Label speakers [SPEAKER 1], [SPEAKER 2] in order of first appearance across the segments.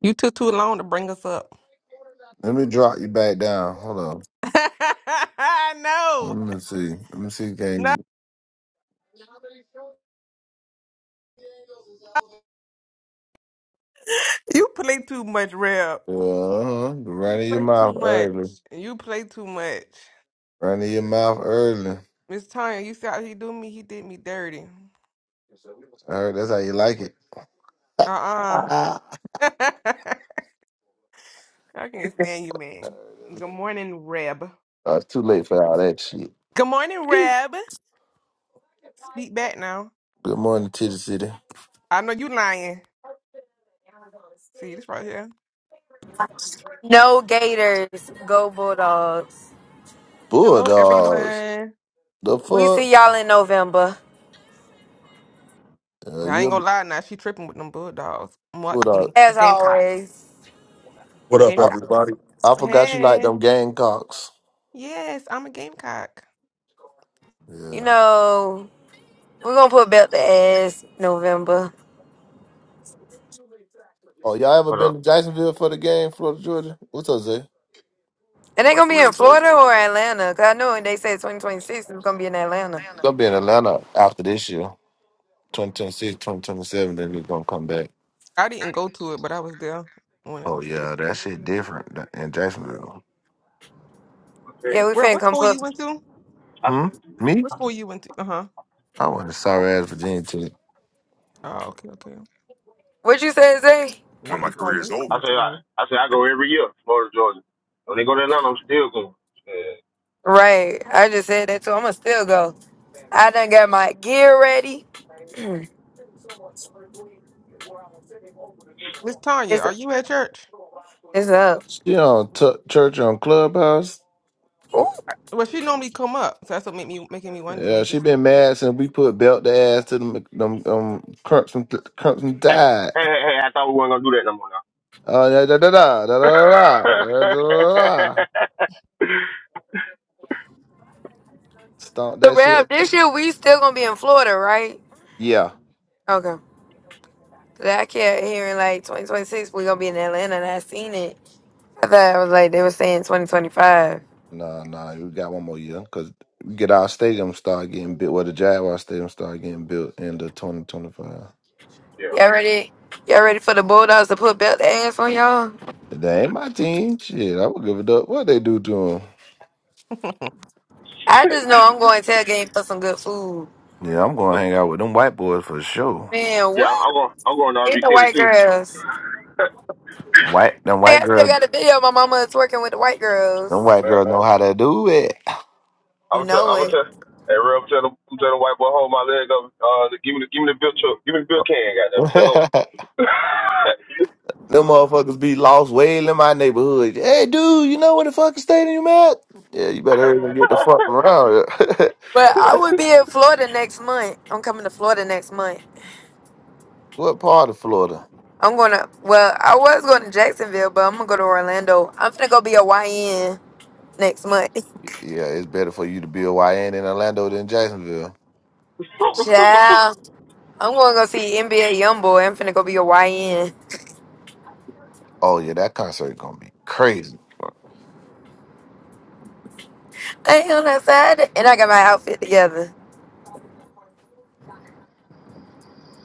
[SPEAKER 1] You took too long to bring us up.
[SPEAKER 2] Let me drop you back down. Hold on.
[SPEAKER 1] no,
[SPEAKER 2] Let me see. Let me see.
[SPEAKER 1] no,
[SPEAKER 2] Can
[SPEAKER 1] you play too much, Reb.
[SPEAKER 2] you uh,
[SPEAKER 1] You
[SPEAKER 2] run in your
[SPEAKER 1] play too
[SPEAKER 2] mouth
[SPEAKER 1] much.
[SPEAKER 2] early?
[SPEAKER 1] You play too much.
[SPEAKER 2] Run in your mouth early.
[SPEAKER 1] Miss Tanya, you see how he do me? He did me dirty.
[SPEAKER 2] I heard that's how you like it.
[SPEAKER 1] Uh
[SPEAKER 2] Ah.
[SPEAKER 1] uh I can't stand you, man. Good morning, Reb.
[SPEAKER 2] Oh, it's too late for all that shit.
[SPEAKER 1] Good morning, Reb. Speak back now.
[SPEAKER 2] Good morning, Titty City.
[SPEAKER 1] I know you lying. See this right here.
[SPEAKER 3] No Gators, go Bulldogs.
[SPEAKER 1] Hello,
[SPEAKER 2] Bulldogs.
[SPEAKER 1] everyone.
[SPEAKER 2] The
[SPEAKER 3] We see y'all
[SPEAKER 2] fuck?
[SPEAKER 3] in November,
[SPEAKER 2] Yeah,
[SPEAKER 1] I
[SPEAKER 2] you
[SPEAKER 1] ain't
[SPEAKER 2] a
[SPEAKER 1] gonna lie now. She tripping with them bulldogs. What the
[SPEAKER 2] bulldog.
[SPEAKER 1] game?
[SPEAKER 3] as
[SPEAKER 1] Gamecocks.
[SPEAKER 3] always.
[SPEAKER 4] What up,
[SPEAKER 2] I,
[SPEAKER 1] Gamecocks.
[SPEAKER 4] everybody?
[SPEAKER 2] I forgot you like
[SPEAKER 1] Hey,
[SPEAKER 2] them Gamecocks.
[SPEAKER 1] yes, I'm a Gamecock.
[SPEAKER 3] You
[SPEAKER 2] Yeah.
[SPEAKER 3] know, we're gonna put belt to ass November.
[SPEAKER 2] Oh, y'all ever
[SPEAKER 5] What
[SPEAKER 2] been
[SPEAKER 5] up?
[SPEAKER 2] to Jacksonville for the game, Florida, Georgia? What's up, Zay?
[SPEAKER 3] And they gonna be in Florida or Atlanta? Cause I know they said 2026 is gonna be in Atlanta.
[SPEAKER 2] It's gonna be in Atlanta after this year. 2026, 2027, then we're gonna come back.
[SPEAKER 1] I didn't go to it, but I was there when it
[SPEAKER 2] Oh
[SPEAKER 1] was there.
[SPEAKER 2] yeah, that shit different th- in Jacksonville.
[SPEAKER 5] Okay.
[SPEAKER 3] Yeah, we
[SPEAKER 1] Where?
[SPEAKER 3] finna
[SPEAKER 1] what
[SPEAKER 3] come
[SPEAKER 1] school you
[SPEAKER 3] put.
[SPEAKER 1] went to?
[SPEAKER 5] I say,
[SPEAKER 2] Hmm? Me?
[SPEAKER 1] What school you went to? Uh huh.
[SPEAKER 2] I went to sorry ass Virginia Tech.
[SPEAKER 1] Oh, okay, okay.
[SPEAKER 3] What you said, Zay?
[SPEAKER 1] Not you calling your
[SPEAKER 5] I
[SPEAKER 1] school,
[SPEAKER 5] say,
[SPEAKER 1] sorry.
[SPEAKER 5] I, I say, I go every year, Florida, Georgia. When they go to Atlanta, I'm still going. Yeah.
[SPEAKER 3] Right. I just said that too. I'ma still go. I done got my gear ready.
[SPEAKER 1] Miss Tanya,
[SPEAKER 3] it's
[SPEAKER 1] are you at church?
[SPEAKER 3] it's up.
[SPEAKER 2] She on t- church on Clubhouse.
[SPEAKER 3] Ooh,
[SPEAKER 1] I- Well, she normally come up, so that's what make me making me wonder.
[SPEAKER 2] Yeah,
[SPEAKER 1] Maybe
[SPEAKER 2] she
[SPEAKER 1] she at
[SPEAKER 2] been
[SPEAKER 1] church.
[SPEAKER 2] mad since we put belt the ass to them them um crumps and crumps and
[SPEAKER 5] Hey,
[SPEAKER 2] died.
[SPEAKER 5] hey, hey, hey, I thought we weren't gonna do that no more now.
[SPEAKER 2] Uh, da da da da da da da da da. da. Stomp
[SPEAKER 3] the
[SPEAKER 2] that shit.
[SPEAKER 3] rap. This year we still gonna be in Florida, right?
[SPEAKER 2] Yeah.
[SPEAKER 3] Okay. I kept hearing like 2026 we gonna be in Atlanta and I seen it. I thought I was like they were saying 2025.
[SPEAKER 2] Nah, nah. We got one more year because we get our stadium start getting built. Well, the Jaguar stadium start getting built in the twenty twenty five.
[SPEAKER 3] Y'all
[SPEAKER 5] yeah.
[SPEAKER 3] ready? Y'all ready for the Bulldogs to put belt ass on y'all?
[SPEAKER 2] That ain't my team. Shit, I would give it up. What they do to him?
[SPEAKER 3] I just know I'm going tailgate for some good food.
[SPEAKER 2] Yeah, I'm gonna
[SPEAKER 5] So,
[SPEAKER 2] hang out with them white boys for sure.
[SPEAKER 3] Man,
[SPEAKER 5] yeah,
[SPEAKER 3] what?
[SPEAKER 5] I'm going. I'm going to
[SPEAKER 3] It's
[SPEAKER 5] RV
[SPEAKER 3] the
[SPEAKER 5] City
[SPEAKER 3] white
[SPEAKER 5] too.
[SPEAKER 3] girls.
[SPEAKER 2] White,
[SPEAKER 3] I
[SPEAKER 2] them
[SPEAKER 3] think
[SPEAKER 2] white
[SPEAKER 3] I still
[SPEAKER 2] girls,
[SPEAKER 3] got a video of my mama twerking with the white
[SPEAKER 2] them
[SPEAKER 3] girls.
[SPEAKER 2] white
[SPEAKER 5] Man,
[SPEAKER 2] girls know how to do it.
[SPEAKER 5] I'm
[SPEAKER 3] You
[SPEAKER 5] gonna tell.
[SPEAKER 3] know
[SPEAKER 5] I'm gonna
[SPEAKER 3] it.
[SPEAKER 5] tell. Hey, real, I'm telling, I'm telling the white boy, hold my leg up. Uh, give me the, give me the bill, truck. give me the bill can,
[SPEAKER 2] them motherfuckers be lost way in my neighborhood. Hey, dude, you know where the fucking stadium at? Yeah, you better hurry and get the fuck around. here.
[SPEAKER 3] But I would be in Florida next month. I'm coming to Florida next month.
[SPEAKER 2] what part of Florida?
[SPEAKER 3] I'm gonna well, I was going to Jacksonville, but I'm gonna go to Orlando. I'm gonna go be a YN next month.
[SPEAKER 2] Yeah, it's better for you to be a YN in Orlando than Jacksonville.
[SPEAKER 5] goddamn.
[SPEAKER 3] Child, I'm gonna go see NBA YoungBoy. I'm finna go be a YN.
[SPEAKER 2] Oh yeah, that concert gonna be crazy.
[SPEAKER 3] Hey, on that side, and I got my outfit together.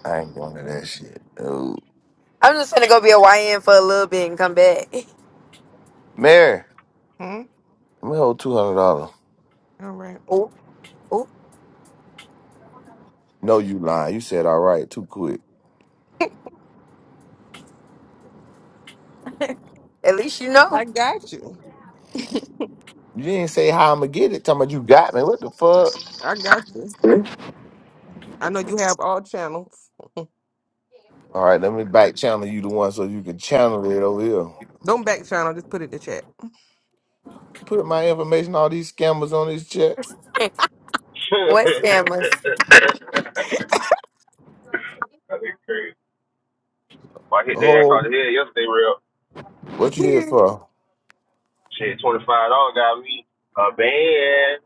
[SPEAKER 2] I ain't going to that shit. Ooh.
[SPEAKER 3] I'm just finna go be a YN for a little bit and come back.
[SPEAKER 2] Mary,
[SPEAKER 1] hmm?
[SPEAKER 2] let me hold two hundred dollars.
[SPEAKER 1] All right.
[SPEAKER 3] Ooh, ooh.
[SPEAKER 2] No, you lying. You said all right too quick.
[SPEAKER 3] At least you know.
[SPEAKER 1] I got you.
[SPEAKER 2] You didn't say how I'm gonna get it. Talking about you got me. What the fuck?
[SPEAKER 1] I got you. I know you have all channels.
[SPEAKER 2] All right, let me back channel you the one so you can channel it over here.
[SPEAKER 1] Don't back channel. Just put it in the chat.
[SPEAKER 2] Put my information, all these scammers on this chat.
[SPEAKER 3] What's famous?
[SPEAKER 5] Let go. That'd be crazy. Well, I hit their ass
[SPEAKER 2] Oh,
[SPEAKER 5] across the head yesterday, real
[SPEAKER 2] what you here for?
[SPEAKER 5] shit. Twenty five dollars got me a band.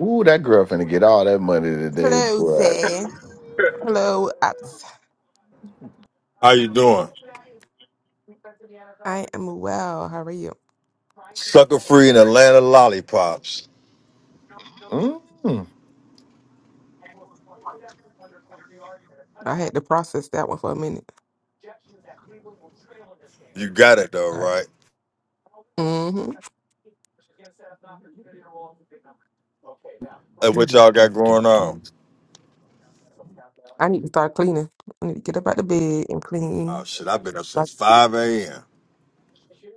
[SPEAKER 2] Ooh, that girl finna get all that money today,
[SPEAKER 1] Hello,
[SPEAKER 2] boy.
[SPEAKER 1] Zay. Hello, Ops.
[SPEAKER 4] How you doing?
[SPEAKER 1] I am well. How are you?
[SPEAKER 4] Sucker Free in Atlanta Lollipops.
[SPEAKER 2] Mm. Do,
[SPEAKER 1] I had to process that one for a minute.
[SPEAKER 4] You got it though, right?
[SPEAKER 1] hmm
[SPEAKER 4] That's what
[SPEAKER 2] do,
[SPEAKER 4] y'all
[SPEAKER 2] do,
[SPEAKER 4] got
[SPEAKER 2] do,
[SPEAKER 4] going on.
[SPEAKER 2] do.
[SPEAKER 1] I need to start cleaning. I need to get up out the bed and
[SPEAKER 4] Oh
[SPEAKER 1] clean.
[SPEAKER 4] shit, I've been up
[SPEAKER 1] Like,
[SPEAKER 4] since 5 a.m.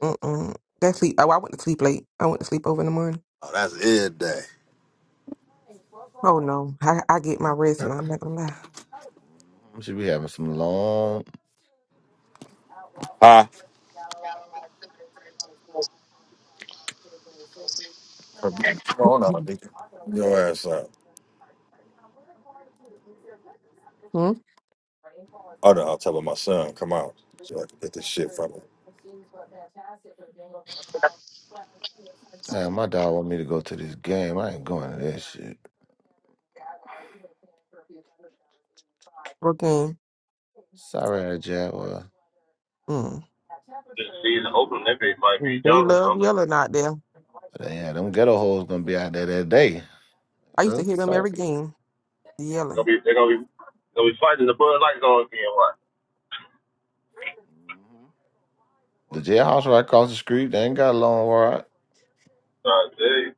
[SPEAKER 1] mm-mm. That sleep. Oh, I went to sleep late. I went to sleep over in the morning.
[SPEAKER 4] Oh, that's it day.
[SPEAKER 1] Oh no, I, I get my rest, and I'm not gonna lie.
[SPEAKER 2] Should be having some long.
[SPEAKER 4] Huh? Come on, out, nigga. Your ass out.
[SPEAKER 1] Mm-hmm.
[SPEAKER 4] Oh no, I'll tell my son, come out. So I can get this shit from him.
[SPEAKER 2] Man, my dog want me to go to this game. I ain't going to that shit.
[SPEAKER 1] Working.
[SPEAKER 2] Sorry, Jaguar.
[SPEAKER 1] Mm.
[SPEAKER 5] this season Oakland, that bitch might be
[SPEAKER 1] Mm, They
[SPEAKER 5] jumping.
[SPEAKER 1] love
[SPEAKER 5] Bro.
[SPEAKER 1] yelling out there.
[SPEAKER 2] Yeah, them ghetto hoes gonna be out there that day.
[SPEAKER 1] I used to hear
[SPEAKER 2] That's
[SPEAKER 1] them
[SPEAKER 2] tough.
[SPEAKER 1] every game
[SPEAKER 5] They're gonna
[SPEAKER 1] yelling.
[SPEAKER 5] be, they're gonna be, they're gonna be fighting the Bud Light Zone again. What?
[SPEAKER 2] The jailhouse right across the street, they ain't got a long ride.
[SPEAKER 5] Uh, dude.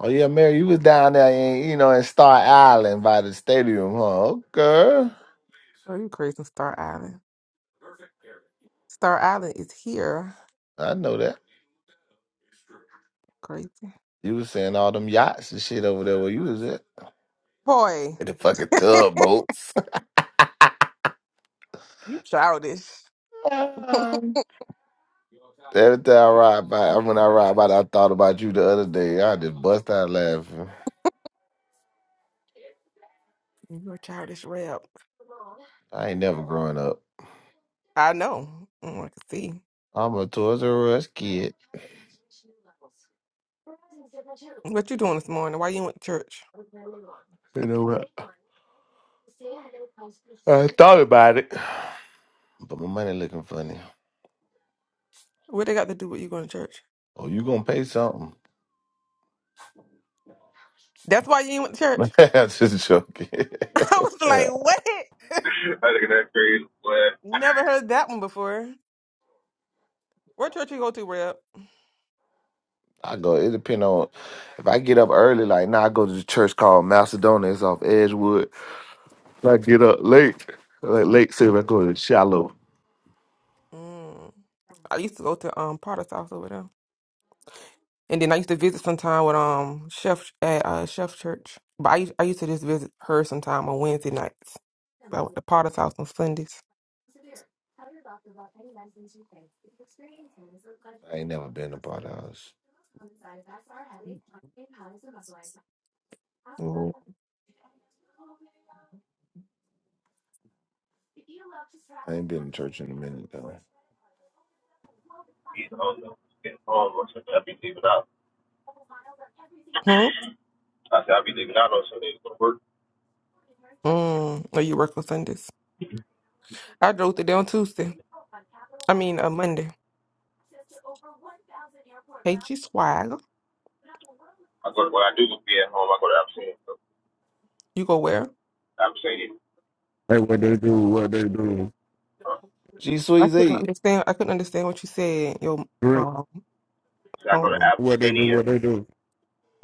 [SPEAKER 2] Oh yeah, Mary, you was down there in you know in Star Island by the stadium, huh? Okay.
[SPEAKER 1] Oh, you crazy, Star Island? Star Island is here.
[SPEAKER 2] I know that.
[SPEAKER 1] Crazy
[SPEAKER 2] You was saying all them yachts and shit over there where you was at.
[SPEAKER 1] boy,
[SPEAKER 2] And the fucking tugboats.
[SPEAKER 1] you childish.
[SPEAKER 2] Every time I ride by
[SPEAKER 1] I'm
[SPEAKER 2] when I ride by
[SPEAKER 1] sorry.
[SPEAKER 2] I thought about you the other day. I just bust out laughing.
[SPEAKER 1] You're a childish rep.
[SPEAKER 2] I ain't never growing up.
[SPEAKER 1] I know. Mm, I can see.
[SPEAKER 2] I'm a Toys R Us kid.
[SPEAKER 1] What you doing this morning? Why you went to church?
[SPEAKER 2] You know what? I thought about it. But my money looking funny.
[SPEAKER 1] What they got to do with you going to church?
[SPEAKER 2] Oh, you gonna pay something?
[SPEAKER 1] That's why you ain't went to church.
[SPEAKER 2] I'm Just joking.
[SPEAKER 1] I was like, what?
[SPEAKER 5] I think that's crazy, but
[SPEAKER 1] Never heard that one before. What church you go to, Reb?
[SPEAKER 2] I go. It depend on if I get up early. Like now, I go to the church called Macedonia. It's off Edgewood. If I get up late, like late, so I go to Shallow.
[SPEAKER 1] Mm. I used to go to um Potter's house over there, and then I used to visit sometime with um Chef at uh, Chef Church. But I used- I used to just visit her sometime on Wednesday nights. But I went to Potter's house on Sundays.
[SPEAKER 2] I ain't never been to part of house.
[SPEAKER 1] Mm.
[SPEAKER 2] I ain't been to church in a minute though.
[SPEAKER 5] he's on the getting home or something. i be leaving out.
[SPEAKER 1] Hmm.
[SPEAKER 5] I said i be leaving out on Sunday to go to work.
[SPEAKER 1] Mm. Oh, you work on Sundays? I drove to there on Tuesday. I mean, a Monday. Hey, G Swag,
[SPEAKER 5] I go to, when I do be at home, I go to Abyssinia. So,
[SPEAKER 1] you go where?
[SPEAKER 5] Abyssinia.
[SPEAKER 6] Hey, what they do, what they do.
[SPEAKER 5] Uh,
[SPEAKER 2] G
[SPEAKER 1] I couldn't
[SPEAKER 2] Sweezy.
[SPEAKER 1] understand. I couldn't understand what you said. Your
[SPEAKER 6] Green,
[SPEAKER 1] um
[SPEAKER 5] so I go to
[SPEAKER 1] phone.
[SPEAKER 6] what they do,
[SPEAKER 5] Abyssinia.
[SPEAKER 6] what they do.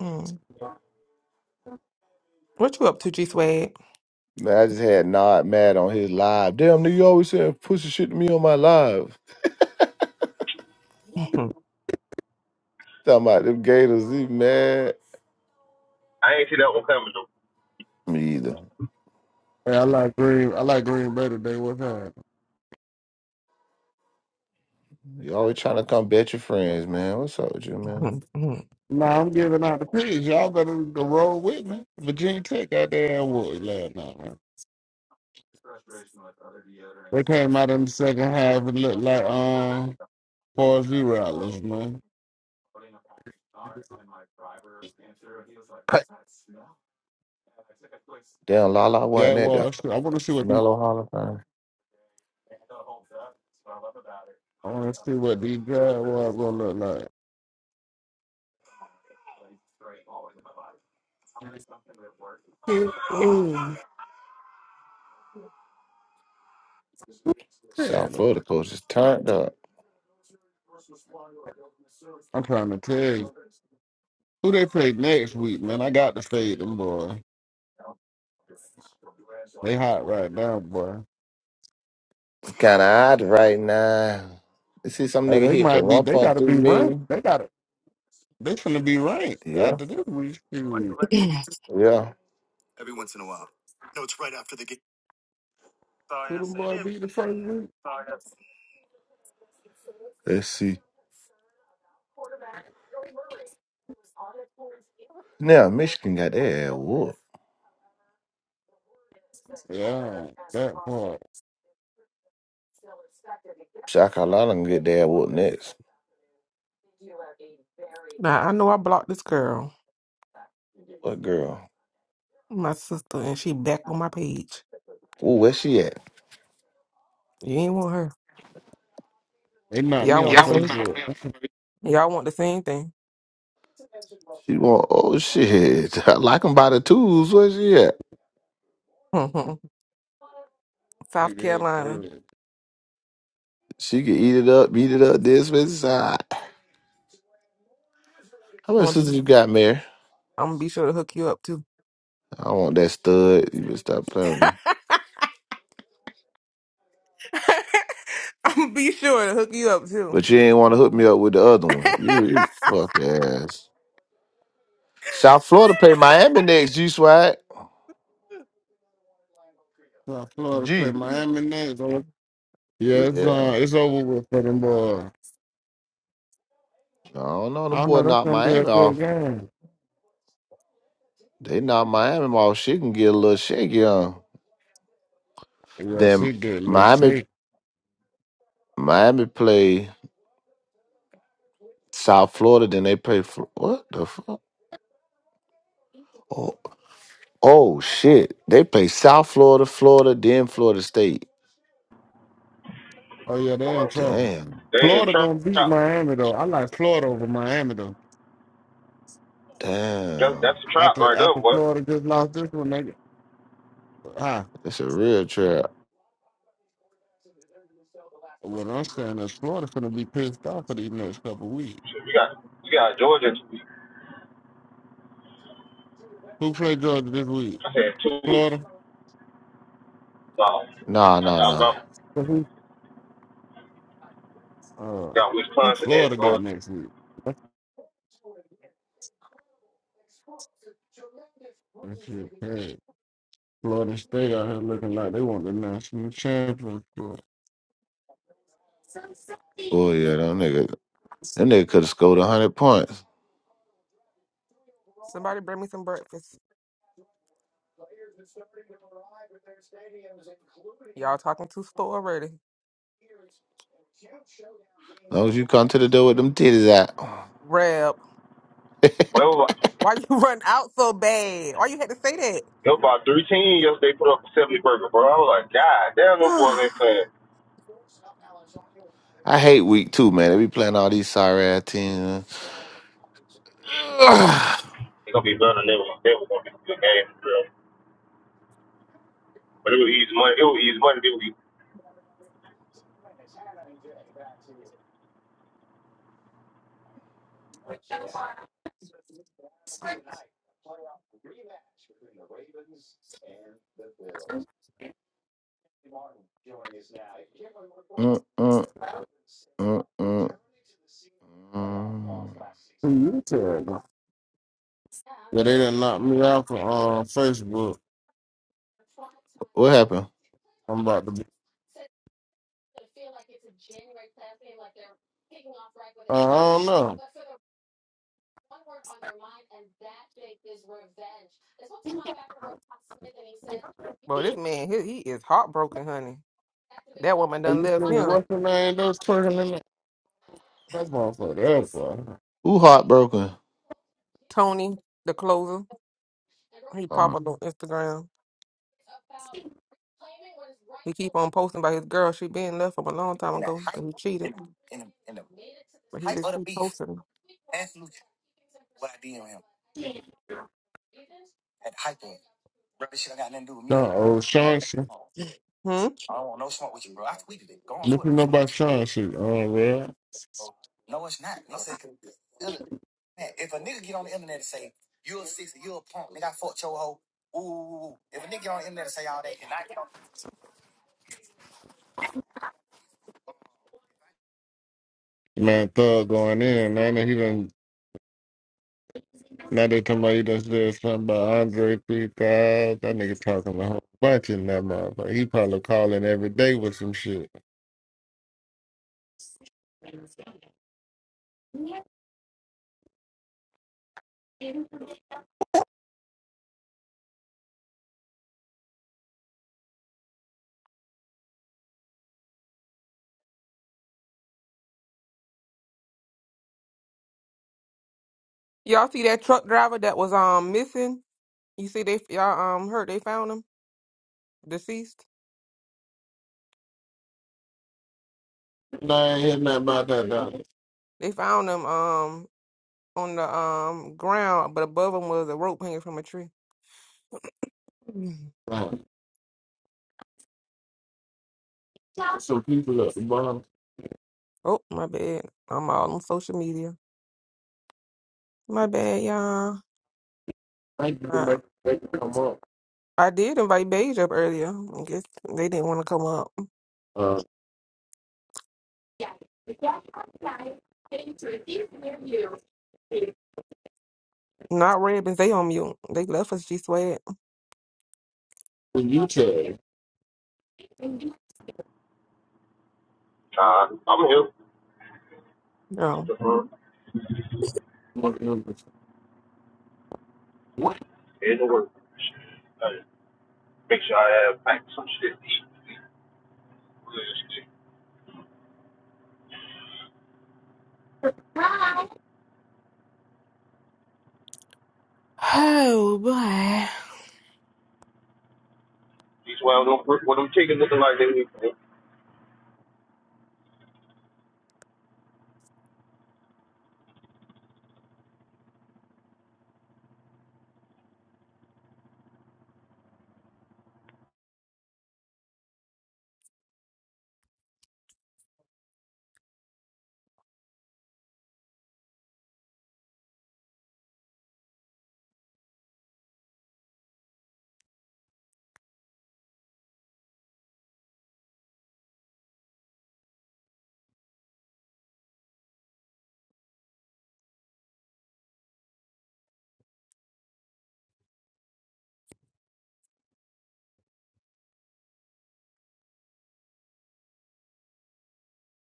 [SPEAKER 1] Mm. What you up to, G Swag?
[SPEAKER 2] Man, I just had Nod mad on his live. Damn nigga, you always saying pussy shit to me on my live. Talking about them gators, he mad.
[SPEAKER 5] I ain't see that one coming though.
[SPEAKER 2] Me either.
[SPEAKER 6] Hey, I like green. I like green better than what's happening.
[SPEAKER 2] You always trying to come bet your friends, man. What's up with you, man?
[SPEAKER 1] now
[SPEAKER 6] Nah, I'm giving out the pigs. Y'all better go roll with me. Virginia Tech out there, ass whooped last night, man. They came out in the second half and looked like um Parsy Rattlers, man.
[SPEAKER 2] Damn, Lala wasn't
[SPEAKER 6] That
[SPEAKER 2] at the
[SPEAKER 6] was. I want to see what these-
[SPEAKER 2] Mellow Hall of Fame.
[SPEAKER 6] I want to see what these Jaguars gonna look like.
[SPEAKER 2] South Florida coach is turned up.
[SPEAKER 6] I'm trying to tell you who they play next week, man. I got to fade them boys. They hot right now, boy.
[SPEAKER 2] Kind of odd right now. You see some
[SPEAKER 6] Hey,
[SPEAKER 2] nigga
[SPEAKER 6] they
[SPEAKER 2] hit
[SPEAKER 6] might be.
[SPEAKER 2] for
[SPEAKER 6] They gotta
[SPEAKER 2] 1.3
[SPEAKER 6] be ranked.
[SPEAKER 2] million.
[SPEAKER 6] They gotta. They finna be ranked
[SPEAKER 2] Yeah,
[SPEAKER 6] after this week. Shoot,
[SPEAKER 2] yeah.
[SPEAKER 6] who them boy be the first week?
[SPEAKER 2] Let's see. Now, Michigan got their ass whooped.
[SPEAKER 6] Yeah, that part.
[SPEAKER 2] South Carolina gonna get their ass whooped next.
[SPEAKER 1] I know I blocked this girl,
[SPEAKER 2] What girl?
[SPEAKER 1] my sister, and she back on my page.
[SPEAKER 2] Ooh, where she at?
[SPEAKER 1] You ain't want her.
[SPEAKER 6] They knocked me
[SPEAKER 1] Y'all want
[SPEAKER 6] on
[SPEAKER 1] the same.
[SPEAKER 6] Facebook.
[SPEAKER 1] Y'all want the same thing.
[SPEAKER 2] She want, oh shit. I like 'em by the tools. Where she at?
[SPEAKER 1] South
[SPEAKER 6] Nigga, it's
[SPEAKER 1] Carolina.
[SPEAKER 6] crazy.
[SPEAKER 2] She can eat it up, beat it up, this, this, side. How
[SPEAKER 1] I'm
[SPEAKER 2] many
[SPEAKER 1] gonna be.
[SPEAKER 2] sisters you got, Mary?
[SPEAKER 1] I'm gonna be sure to hook you up too.
[SPEAKER 2] I want that stud. You better stop playing with me.
[SPEAKER 1] I'm gonna be sure to hook you up too.
[SPEAKER 2] But you ain't want to hook me up with the other one. You, you fuck ass. South Florida play Miami next, G Swag.
[SPEAKER 6] South Florida play
[SPEAKER 2] G.
[SPEAKER 6] Miami next. so- Yeah, it's
[SPEAKER 2] Yeah.
[SPEAKER 6] uh, it's over with for them boy.
[SPEAKER 2] I don't know.
[SPEAKER 6] I
[SPEAKER 2] Them
[SPEAKER 6] don't
[SPEAKER 2] boy
[SPEAKER 6] know. That's
[SPEAKER 2] knocked
[SPEAKER 6] gonna be a
[SPEAKER 2] Miami
[SPEAKER 6] good
[SPEAKER 2] off.
[SPEAKER 6] game.
[SPEAKER 2] They knocked Miami off. She can get a little shaky on.
[SPEAKER 6] Yeah,
[SPEAKER 2] Then
[SPEAKER 6] she good. Let's
[SPEAKER 2] Miami
[SPEAKER 6] see.
[SPEAKER 2] Miami play South Florida, then they play Fl- what the fuck? Oh, oh shit. They play South Florida, Florida, then Florida State.
[SPEAKER 6] Oh yeah, they in trouble.
[SPEAKER 2] Damn.
[SPEAKER 5] They in
[SPEAKER 6] Florida gonna
[SPEAKER 5] trap
[SPEAKER 6] beat Miami though. I like Florida over Miami though.
[SPEAKER 5] That,
[SPEAKER 2] Damn.
[SPEAKER 5] that's a trap
[SPEAKER 6] After
[SPEAKER 5] right there,
[SPEAKER 6] after
[SPEAKER 5] boy.
[SPEAKER 6] Florida just lost this one, they huh?
[SPEAKER 2] It's a real trap.
[SPEAKER 6] What I'm saying is Florida's gonna be pissed off for these next couple of weeks.
[SPEAKER 5] Shit, we got we got Georgia in two weeks.
[SPEAKER 6] Who played Georgia this week?
[SPEAKER 5] I said two weeks.
[SPEAKER 6] Florida.
[SPEAKER 5] No,
[SPEAKER 2] Nah,
[SPEAKER 5] that's
[SPEAKER 2] nah, nah.
[SPEAKER 5] Alabama.
[SPEAKER 6] So Who?
[SPEAKER 5] We
[SPEAKER 6] Uh,
[SPEAKER 5] got
[SPEAKER 6] who
[SPEAKER 5] Wisconsin and
[SPEAKER 6] Florida got
[SPEAKER 5] Georgia.
[SPEAKER 6] next week? That's that shit bad. Florida State out here looking like they want the national championship.
[SPEAKER 2] Boy, yeah, them niggas. That nigga could have scored 100 points.
[SPEAKER 1] Somebody bring me some breakfast. Y'all talking too slow already.
[SPEAKER 2] As long as you come to the door with them titties out.
[SPEAKER 1] Reb,
[SPEAKER 5] Well, it was like,
[SPEAKER 1] why you run out so bad? Why you had to say
[SPEAKER 5] about three teams yesterday put up a seventy burger, bro. I was like, God damn, them boys
[SPEAKER 1] that?
[SPEAKER 5] ain't playing.
[SPEAKER 2] I hate week two, man. They be playing all these sorry ass teams. Ugh.
[SPEAKER 5] It's gonna be better than they were. They were gonna be a good game, bro. But it was easy money. It was easy money. It was easy.
[SPEAKER 2] Mm, mm, mm, mm, mm.
[SPEAKER 6] Who you telling? Yeah, they done knocked me out from uh, Facebook.
[SPEAKER 2] What happened?
[SPEAKER 6] I'm about to be. Uh, I don't know.
[SPEAKER 1] Boy, this man, he, he is heartbroken, honey. That woman
[SPEAKER 6] Are
[SPEAKER 1] done
[SPEAKER 6] you
[SPEAKER 1] left
[SPEAKER 6] feeling
[SPEAKER 1] him.
[SPEAKER 6] what's her name? Those twerking in that that motherfucker. That's all.
[SPEAKER 2] Who heartbroken?
[SPEAKER 1] Tony, the closer, he pop
[SPEAKER 2] Oh,
[SPEAKER 1] up on Instagram. He keep on posting about his girl. She been left from a long time ago because he cheated. But he just keep posting.
[SPEAKER 6] No, old Sean.
[SPEAKER 1] Hmm?
[SPEAKER 6] Listen up about Sean shit. Oh, real. Man, Thug going in. Now that he done, now they talking about he done said something about Andre 3000. That nigga talking a whole bunch in that motherfucker. He probably calling every day with some shit.
[SPEAKER 1] Y'all see that truck driver that was um missing? You see they y'all um heard they found him deceased.
[SPEAKER 6] No, I ain't hear nothing about that, dog.
[SPEAKER 1] They found him. um. on the um ground, but above them was a rope hanging from a tree. Mhm.
[SPEAKER 6] Nah. Some people at the bottom,
[SPEAKER 1] Oh, my bad. I'm all on social media. My bad, y'all.
[SPEAKER 6] thank you for
[SPEAKER 1] Uh,
[SPEAKER 6] making that come up.
[SPEAKER 1] I did invite Beige up earlier. I guess they didn't want to come up.
[SPEAKER 6] Uh,
[SPEAKER 1] Not Rebens. They on mute. They left us. She sweat.
[SPEAKER 6] when you tell them,
[SPEAKER 5] Nah, I'm here. It's
[SPEAKER 1] No.
[SPEAKER 5] the firm.
[SPEAKER 6] what it was, what
[SPEAKER 5] It's the work. Hey, Make sure I have like some shit to eat.
[SPEAKER 1] Oh boy.
[SPEAKER 5] These wild don't work. what them chickens looking like they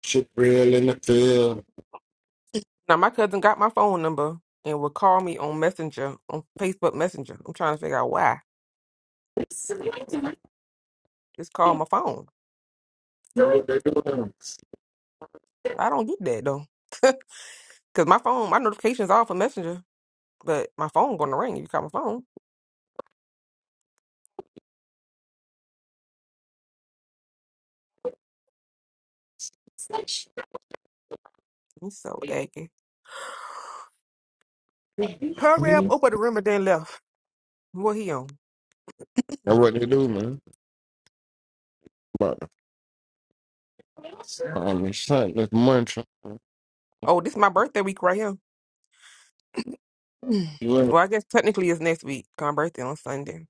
[SPEAKER 6] shit real in the field,
[SPEAKER 1] Now my cousin got my phone number and would call me on Messenger, on Facebook Messenger. I'm trying to figure out why. Just call my phone.
[SPEAKER 6] what they doing.
[SPEAKER 1] I don't get that though, cause my phone, my notifications are off for Messenger, but my phone gonna ring if you call my phone. He's so aggy. Hurry up, open the room and then left. What he on?
[SPEAKER 6] And what they do, man. About to find me something that's munching.
[SPEAKER 1] Oh, this is my birthday week right here. Mm.
[SPEAKER 6] You ain't.
[SPEAKER 1] Well, I guess technically it's next week. 'cause My birthday on Sunday.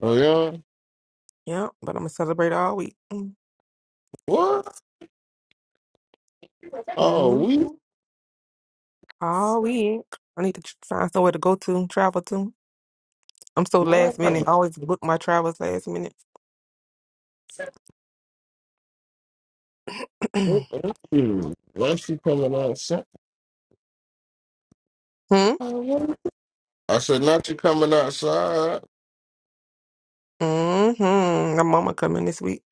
[SPEAKER 6] Oh, yeah?
[SPEAKER 1] Yeah, but I'm gonna celebrate all week.
[SPEAKER 6] What? Oh, we.
[SPEAKER 1] Mm-hmm. All week. I need to tr- find somewhere to go to, travel to. I'm so
[SPEAKER 6] Wow.
[SPEAKER 1] last minute. I always book my travels last minute. hmm.
[SPEAKER 6] Thank you. Unless you coming outside. What? I said, not you coming outside.
[SPEAKER 1] Mm-hmm. My mama coming this week,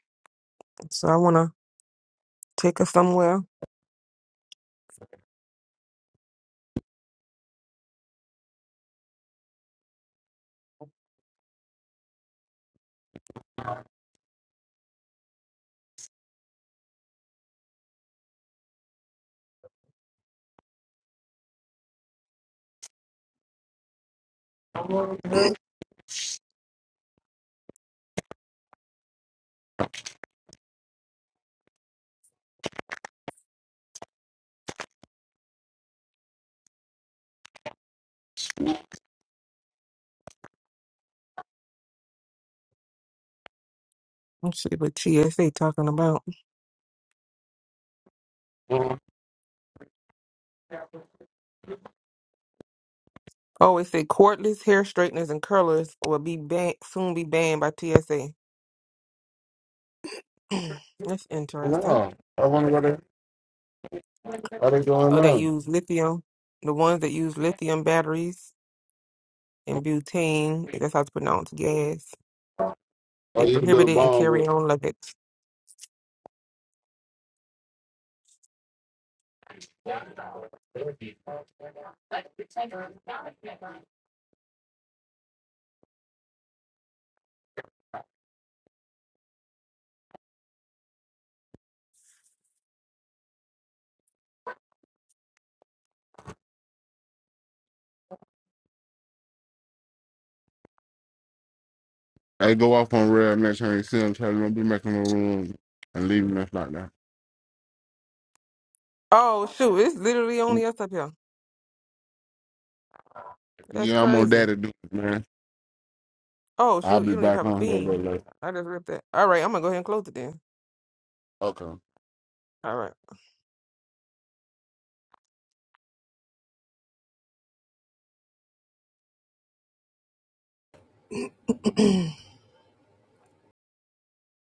[SPEAKER 1] so I wanna take her somewhere. Let's see what TSA talking about. Oh, it said cordless hair straighteners and curlers will be ban- soon be banned by TSA. That's interesting.
[SPEAKER 6] No. I wonder what they, what they going
[SPEAKER 1] Oh, that
[SPEAKER 6] on.
[SPEAKER 1] use lithium. The ones that use lithium batteries and butane, if that's how it's pronounced, gas.
[SPEAKER 6] Oh,
[SPEAKER 1] They
[SPEAKER 6] you can
[SPEAKER 1] prohibit
[SPEAKER 6] build a
[SPEAKER 1] it and
[SPEAKER 6] bomb
[SPEAKER 1] carry
[SPEAKER 6] with.
[SPEAKER 1] on like it.
[SPEAKER 6] They go off on red next time you see them, tell them don't be making no room and leaving us like that.
[SPEAKER 1] Oh shoot, it's literally only us up here. That's
[SPEAKER 6] Yeah, I'm on
[SPEAKER 1] crazy.
[SPEAKER 6] daddy duty, man.
[SPEAKER 1] Oh
[SPEAKER 6] I'll
[SPEAKER 1] shoot,
[SPEAKER 6] be
[SPEAKER 1] you don't even
[SPEAKER 6] back
[SPEAKER 1] have a
[SPEAKER 6] on here a little
[SPEAKER 1] theme.
[SPEAKER 6] later.
[SPEAKER 1] I just ripped that. All right, I'm gonna go ahead and close it then.
[SPEAKER 6] Okay.
[SPEAKER 1] All right.